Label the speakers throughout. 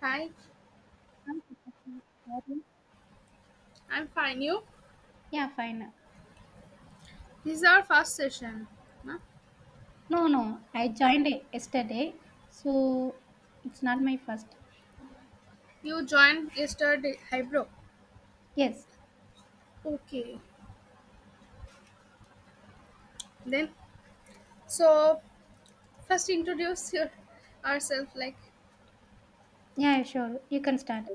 Speaker 1: Hi,
Speaker 2: Hi, Deepakshi. How are you?
Speaker 1: I'm fine. You?
Speaker 2: Yeah, fine.
Speaker 1: This is our first session. Huh?
Speaker 2: No, no, I joined it yesterday, so it's not my first.
Speaker 1: You joined yesterday, Hybro.
Speaker 2: Yes.
Speaker 1: Okay. Then, so first introduce your, ourselves. Like,
Speaker 2: Yeah, sure. You can start.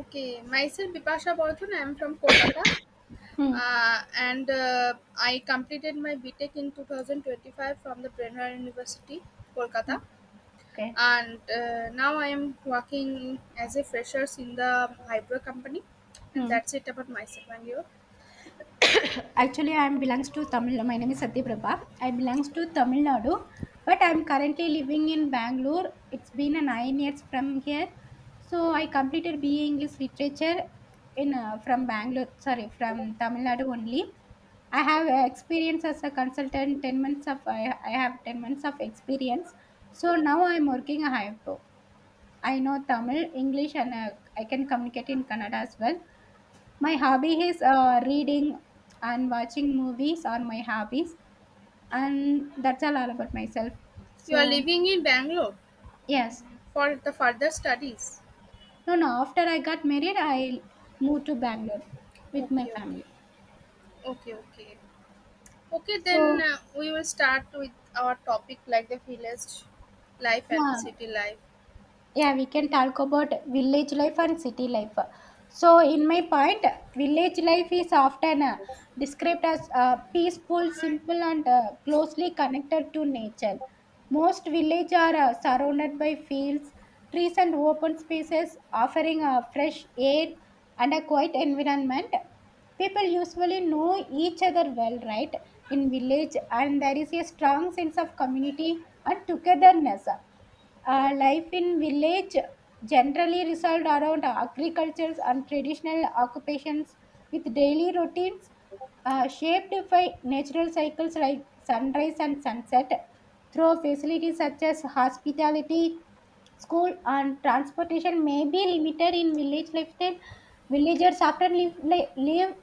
Speaker 1: okay, myself Bipasha Bardhan. I'm from Kolkata,
Speaker 2: Hmm.
Speaker 1: and I completed my BTEC in 2025 from the Brennard University, Kolkata.
Speaker 2: Okay.
Speaker 1: And now I am working as a freshers in the Hybro company, and
Speaker 2: Hmm.
Speaker 1: that's it about myself and you.
Speaker 2: Actually, I am belongs to Tamil. My name is Satya Prabha. I belongs to Tamil Nadu, but I am currently living in Bangalore. It's been a 9 years from here. So I completed BA English Literature in from Bangalore. Sorry, from Tamil Nadu only. I have experience as a consultant. 10 months of I have 10 months of experience. So now I am working a high pro. I know Tamil, English, and I can communicate in Kannada as well. My hobby is reading and watching movies are my hobbies, and that's all about myself,
Speaker 1: You are
Speaker 2: so
Speaker 1: living in Bangalore
Speaker 2: yes.
Speaker 1: for the further studies.
Speaker 2: No, no, after I got married, I moved to Bangalore with my
Speaker 1: Okay,
Speaker 2: family.
Speaker 1: okay, okay, okay. Okay, then
Speaker 2: So
Speaker 1: we will start with our topic like the village life and the
Speaker 2: yeah,
Speaker 1: city life.
Speaker 2: yeah, we can talk about village life and city life. So in my point, village life is often described as peaceful, simple, and closely connected to nature. Most villages are surrounded by fields, trees, and open spaces, offering fresh air and a quiet environment. People usually know each other well, right, in village, and there is a strong sense of community and togetherness. Life in village generally revolved around agriculture and traditional occupations, with daily routines shaped by natural cycles like sunrise and sunset. Through facilities such as hospitality, school and transportation may be limited in village life. Then villagers often live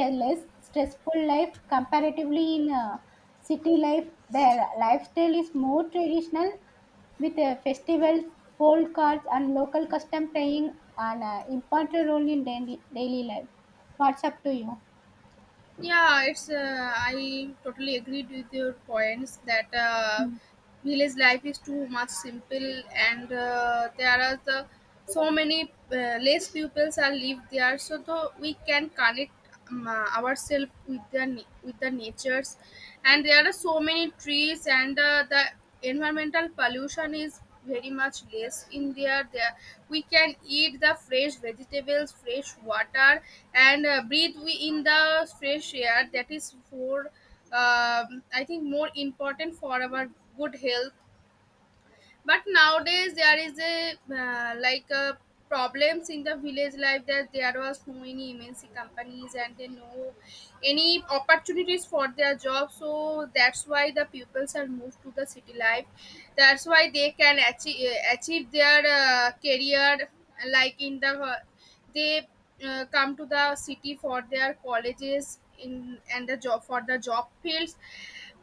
Speaker 2: a less stressful life comparatively in city life. Their lifestyle is more traditional, with festivals, folk arts, and local custom playing an important role in daily life. What's up to you?
Speaker 1: Yeah, it's I totally agreed with your points that village life is too much simple and there are the so many less pupils are live there, so though we can connect ourselves with the with the natures, and there are so many trees and the environmental pollution is very much less in there. We can eat the fresh vegetables, fresh water, and breathe we in the fresh air, that is for I think more important for our good health. But nowadays there is a problems in the village life, that there was no any MNC companies and they no any opportunities for their job, so that's why the pupils are moved to the city life, that's why they can achieve their career, like in the they come to the city for their colleges in and the job for the job fields.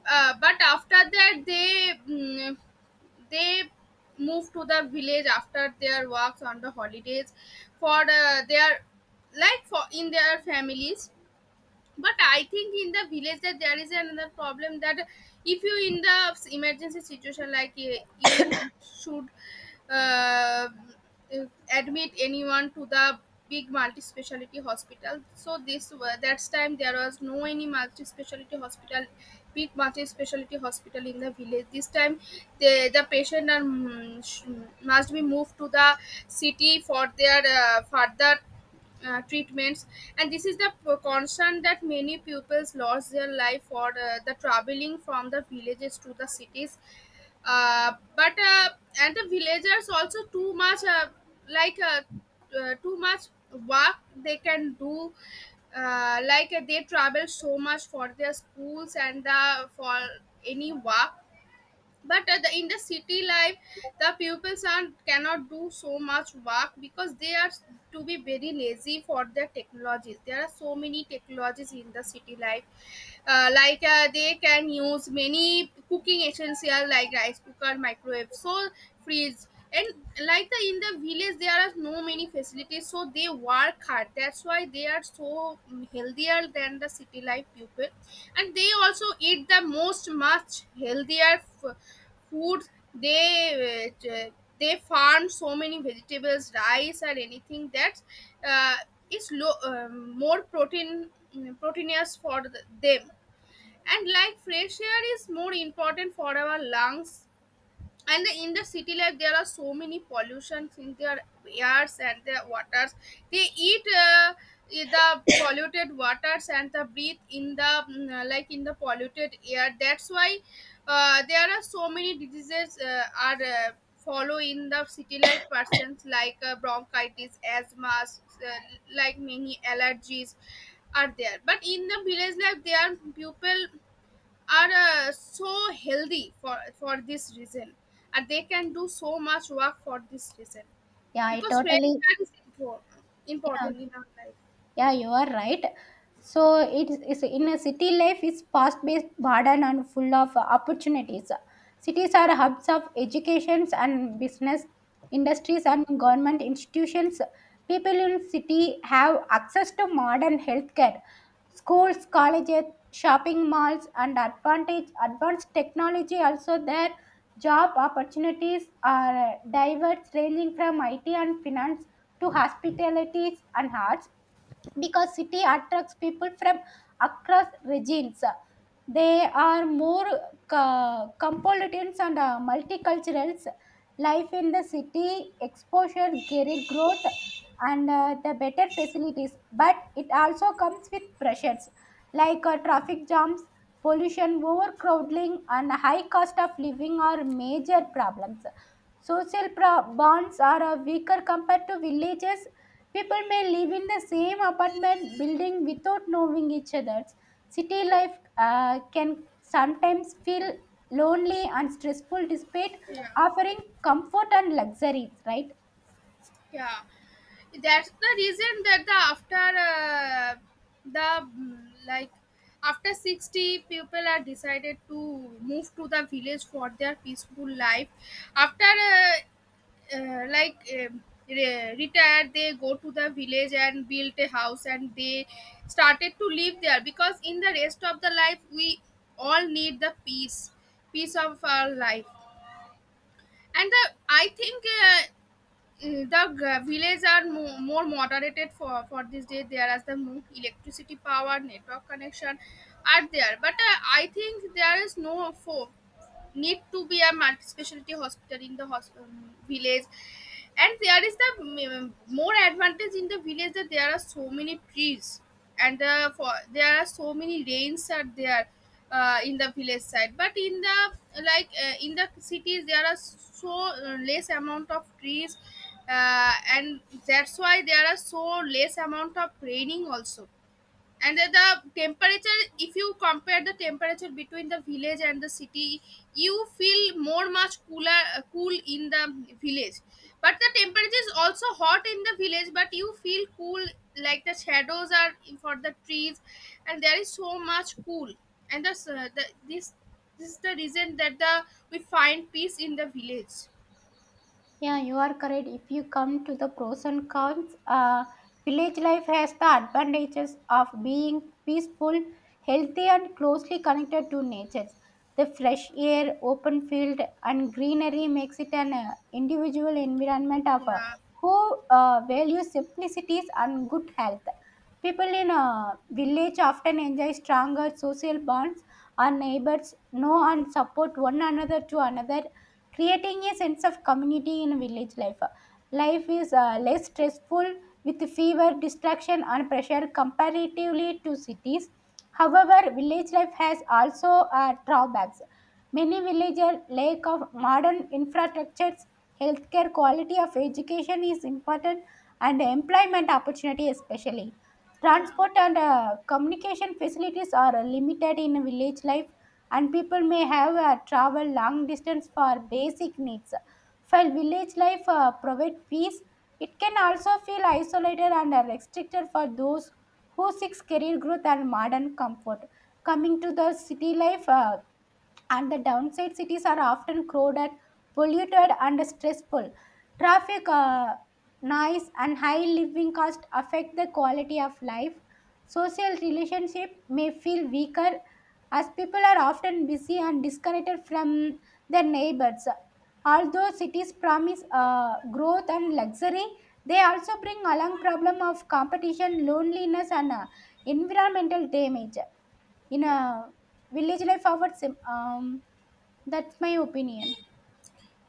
Speaker 1: But after that they, they move to the village after their works on the holidays for their, like for in their families. But I think in the village that there is another problem, that if you in the emergency situation, like you should, uh, admit anyone to the big multi-speciality hospital, so this that's time there was no any multi-speciality hospital, big multi-speciality hospital in the village. This time the patient are, must be moved to the city for their further treatments. And this is the concern that many pupils lost their life for the traveling from the villages to the cities. But And the villagers also too much like uh, too much work they can do, they travel so much for their schools and the for any work. But in the city life, the pupils are cannot do so much work because they are to be very lazy for their technologies, there are so many technologies in the city life. They can use many cooking essentials like rice cooker, microwave, so fridge. And like the in the village there are no many facilities, so they work hard, that's why they are so healthier than the city life people. And they also eat the most much healthier food. they uh, t- they farm so many vegetables, rice, or anything that uh, is low, more protein, proteinous for the, them. And like fresh air is more important for our lungs. And in the city life there are so many pollutions in their airs and their waters. They eat the polluted waters and the breathe in the in the polluted air, that's why there are so many diseases are follow in the city life persons, like bronchitis, asthma, uh, like many allergies are there. But in the village life there are people are so healthy for this reason, and they can do so much work for this reason,
Speaker 2: Yeah, I
Speaker 1: because fresh
Speaker 2: totally.
Speaker 1: air is
Speaker 2: Yeah.
Speaker 1: important in our life.
Speaker 2: Yeah, you are right. So it is, in a city life is fast paced, modern, and full of opportunities. Cities are hubs of educations and business, industries, and government institutions. People in city have access to modern healthcare, schools, colleges, shopping malls, and advantage advanced technology. Also, there job opportunities are diverse, ranging from IT and finance to hospitalities and arts. Because city attracts people from across regions, they are more cosmopolitans and multiculturals. Life in the city exposure career growth and the better facilities, but it also comes with pressures like traffic jams, pollution, overcrowding, and high cost of living are major problems. Bonds are weaker compared to villages. People may live in the same apartment building without knowing each other. City life can sometimes feel lonely and stressful, despite
Speaker 1: Yeah,
Speaker 2: offering comfort and luxuries, right?
Speaker 1: yeah, that's the reason that the after the mm, like after 60 people are decided to move to the village for their peaceful life, after retired they go to the village and built a house and they started to live there, because in the rest of the life we all need the peace of our life. And the, I think villages are more moderated for this day, there as the more electricity power network connection are there. But I think there is no hope, need to be a multi-specialty hospital in the village. And there is the more advantage in the village, that there are so many trees, and for there are so many rains are there in the village side. But in the in the cities there are so less amount of trees, and that's why there are so less amount of raining also. And then the temperature, if you compare the temperature between the village and the city, you feel more much cooler, cool in the village. But the temperature is also hot in the village, but you feel cool, like the shadows are for the trees, and there is so much cool. And that's the, this is the reason that the we find peace in the village.
Speaker 2: Yeah, you are correct. If you come to the pros and cons, village life has the advantages of being peaceful, healthy, and closely connected to nature. The fresh air, open field, and greenery makes it an individual environment of
Speaker 1: Yeah,
Speaker 2: who values simplicities and good health. People in a village often enjoy stronger social bonds. Our neighbors know and support one another to another, creating a sense of community in village life. Life is less stressful, with fewer distraction and pressure comparatively to cities. However, village life has also drawbacks. Many villages lack of modern infrastructures, healthcare quality of education is important, and employment opportunity especially.
Speaker 1: yeah.
Speaker 2: Transport and communication facilities are limited in village life, and people may have traveled long distance for basic needs. While village life provides peace, it can also feel isolated and restricted for those who seek career growth and modern comfort. Coming to the city life, and the downside, cities are often crowded, polluted, and stressful. Traffic, noise, and high living costs affect the quality of life. Social relationships may feel weaker as people are often busy and disconnected from their neighbors. Although cities promise growth and luxury, they also bring along problem of competition, loneliness, and environmental damage in a village life. Our um that's my opinion.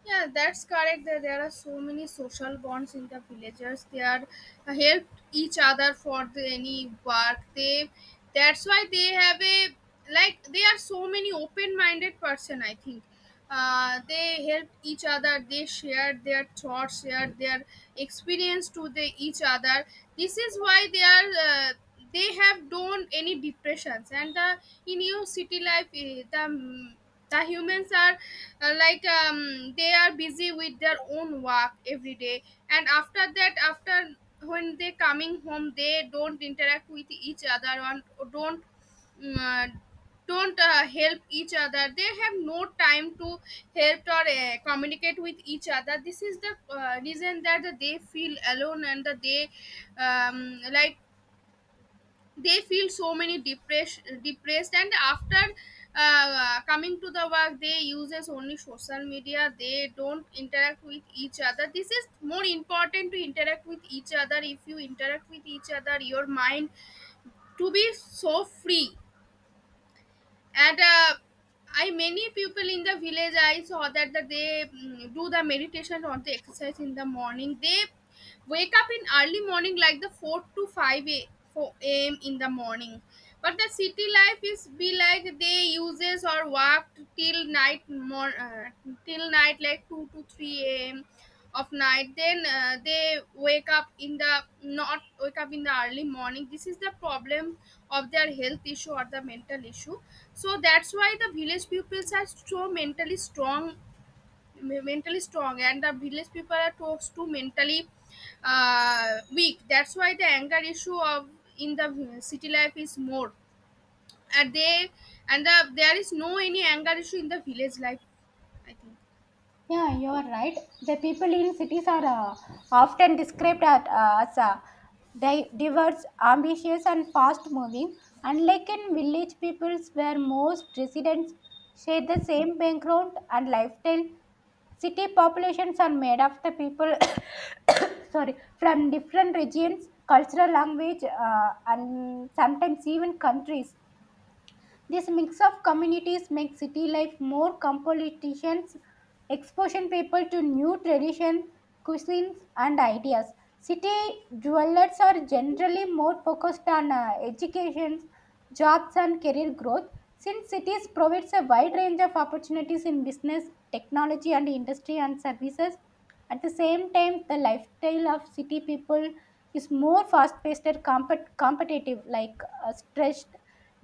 Speaker 1: Yeah, that's correct. There are so many social bonds in the villagers. They are help each other for the, any work. They, that's why they have a like they are so many open-minded person, I think. They help each other. They share their thoughts, share their experience to the each other. This is why they are. They have don't any depressions. And the in your city life, the humans are they are busy with their own work every day, and after that, after when they coming home they don't interact with each other, and don't, mm, uh, don't help each other, they have no time to help or communicate with each other. This is the reason that they feel alone, and that they um, like they feel so many depressed. And after coming to the work they uses only social media, they don't interact with each other. This is more important to interact with each other, if you interact with each other your mind to be so free. And I many people in the village I saw that they do the meditation or the exercise in the morning, they wake up in early morning like the 4 to 4 a.m. in the morning. But the city life is be like they uses or work till night more till night like 2 to 3 a.m. of night. Then they wake up in the, not wake up in the early morning. This is the problem of their health issue or the mental issue. So that's why the village peoples are so mentally strong, and the village people are toast to mentally weak. That's why the anger issue of in the city life is more. And they, there is no any anger issue in the village life, I think.
Speaker 2: Yeah, you are right. The people in cities are often described as diverse, ambitious, and fast moving. Unlike in village peoples where most residents share the same background and lifestyle, city populations are made of the people sorry, from different regions, cultural, language, and sometimes even countries. This mix of communities makes city life more competitions, exposing people to new traditions, cuisines, and ideas. City dwellers are generally more focused on education, jobs, and career growth. Since cities provides a wide range of opportunities in business, technology, and industry and services, at the same time, the lifestyle of city people is more fast-paced, and competitive, like stressed.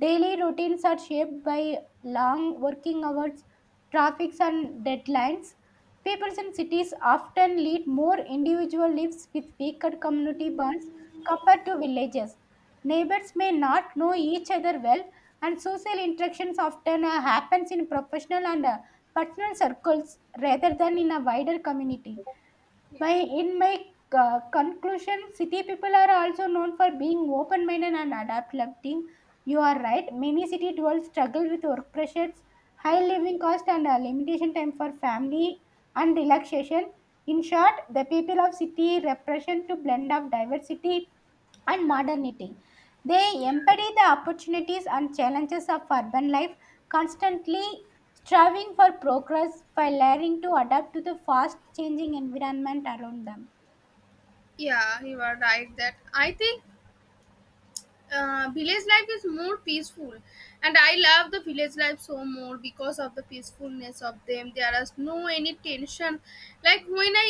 Speaker 2: Daily routines are shaped by long working hours, traffics, and deadlines. People in cities often lead more individual lives with weaker community bonds compared to villages. Neighbors may not know each other well, and social interactions often happens in professional and personal circles rather than in a wider community. My
Speaker 1: Yeah,
Speaker 2: in my conclusion, city people are also known for being open-minded and adapting. You are right. Many city dwellers struggle with work pressures,
Speaker 1: yeah,
Speaker 2: high living cost, and a limitation time for family and relaxation. In short, the people of city represent to blend of diversity and
Speaker 1: yeah,
Speaker 2: modernity. They
Speaker 1: yeah.
Speaker 2: embody the opportunities and challenges of urban life, constantly striving for progress by learning to adapt to the fast changing environment around them.
Speaker 1: Yeah, you are right that I think village life is more peaceful, and I love the village life so more because of the peacefulness of them, there is no any tension. Like when I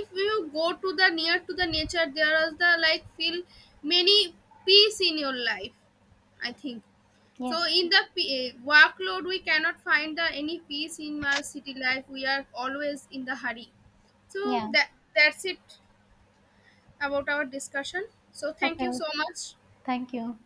Speaker 1: if you go to the near to the nature there is the like feel many peace in your life, I think. So in the workload we cannot find the any peace in my city life, we are always in the hurry. So
Speaker 2: Yeah.
Speaker 1: that's it about our discussion, so thank you
Speaker 2: Okay.
Speaker 1: so much.
Speaker 2: Thank you.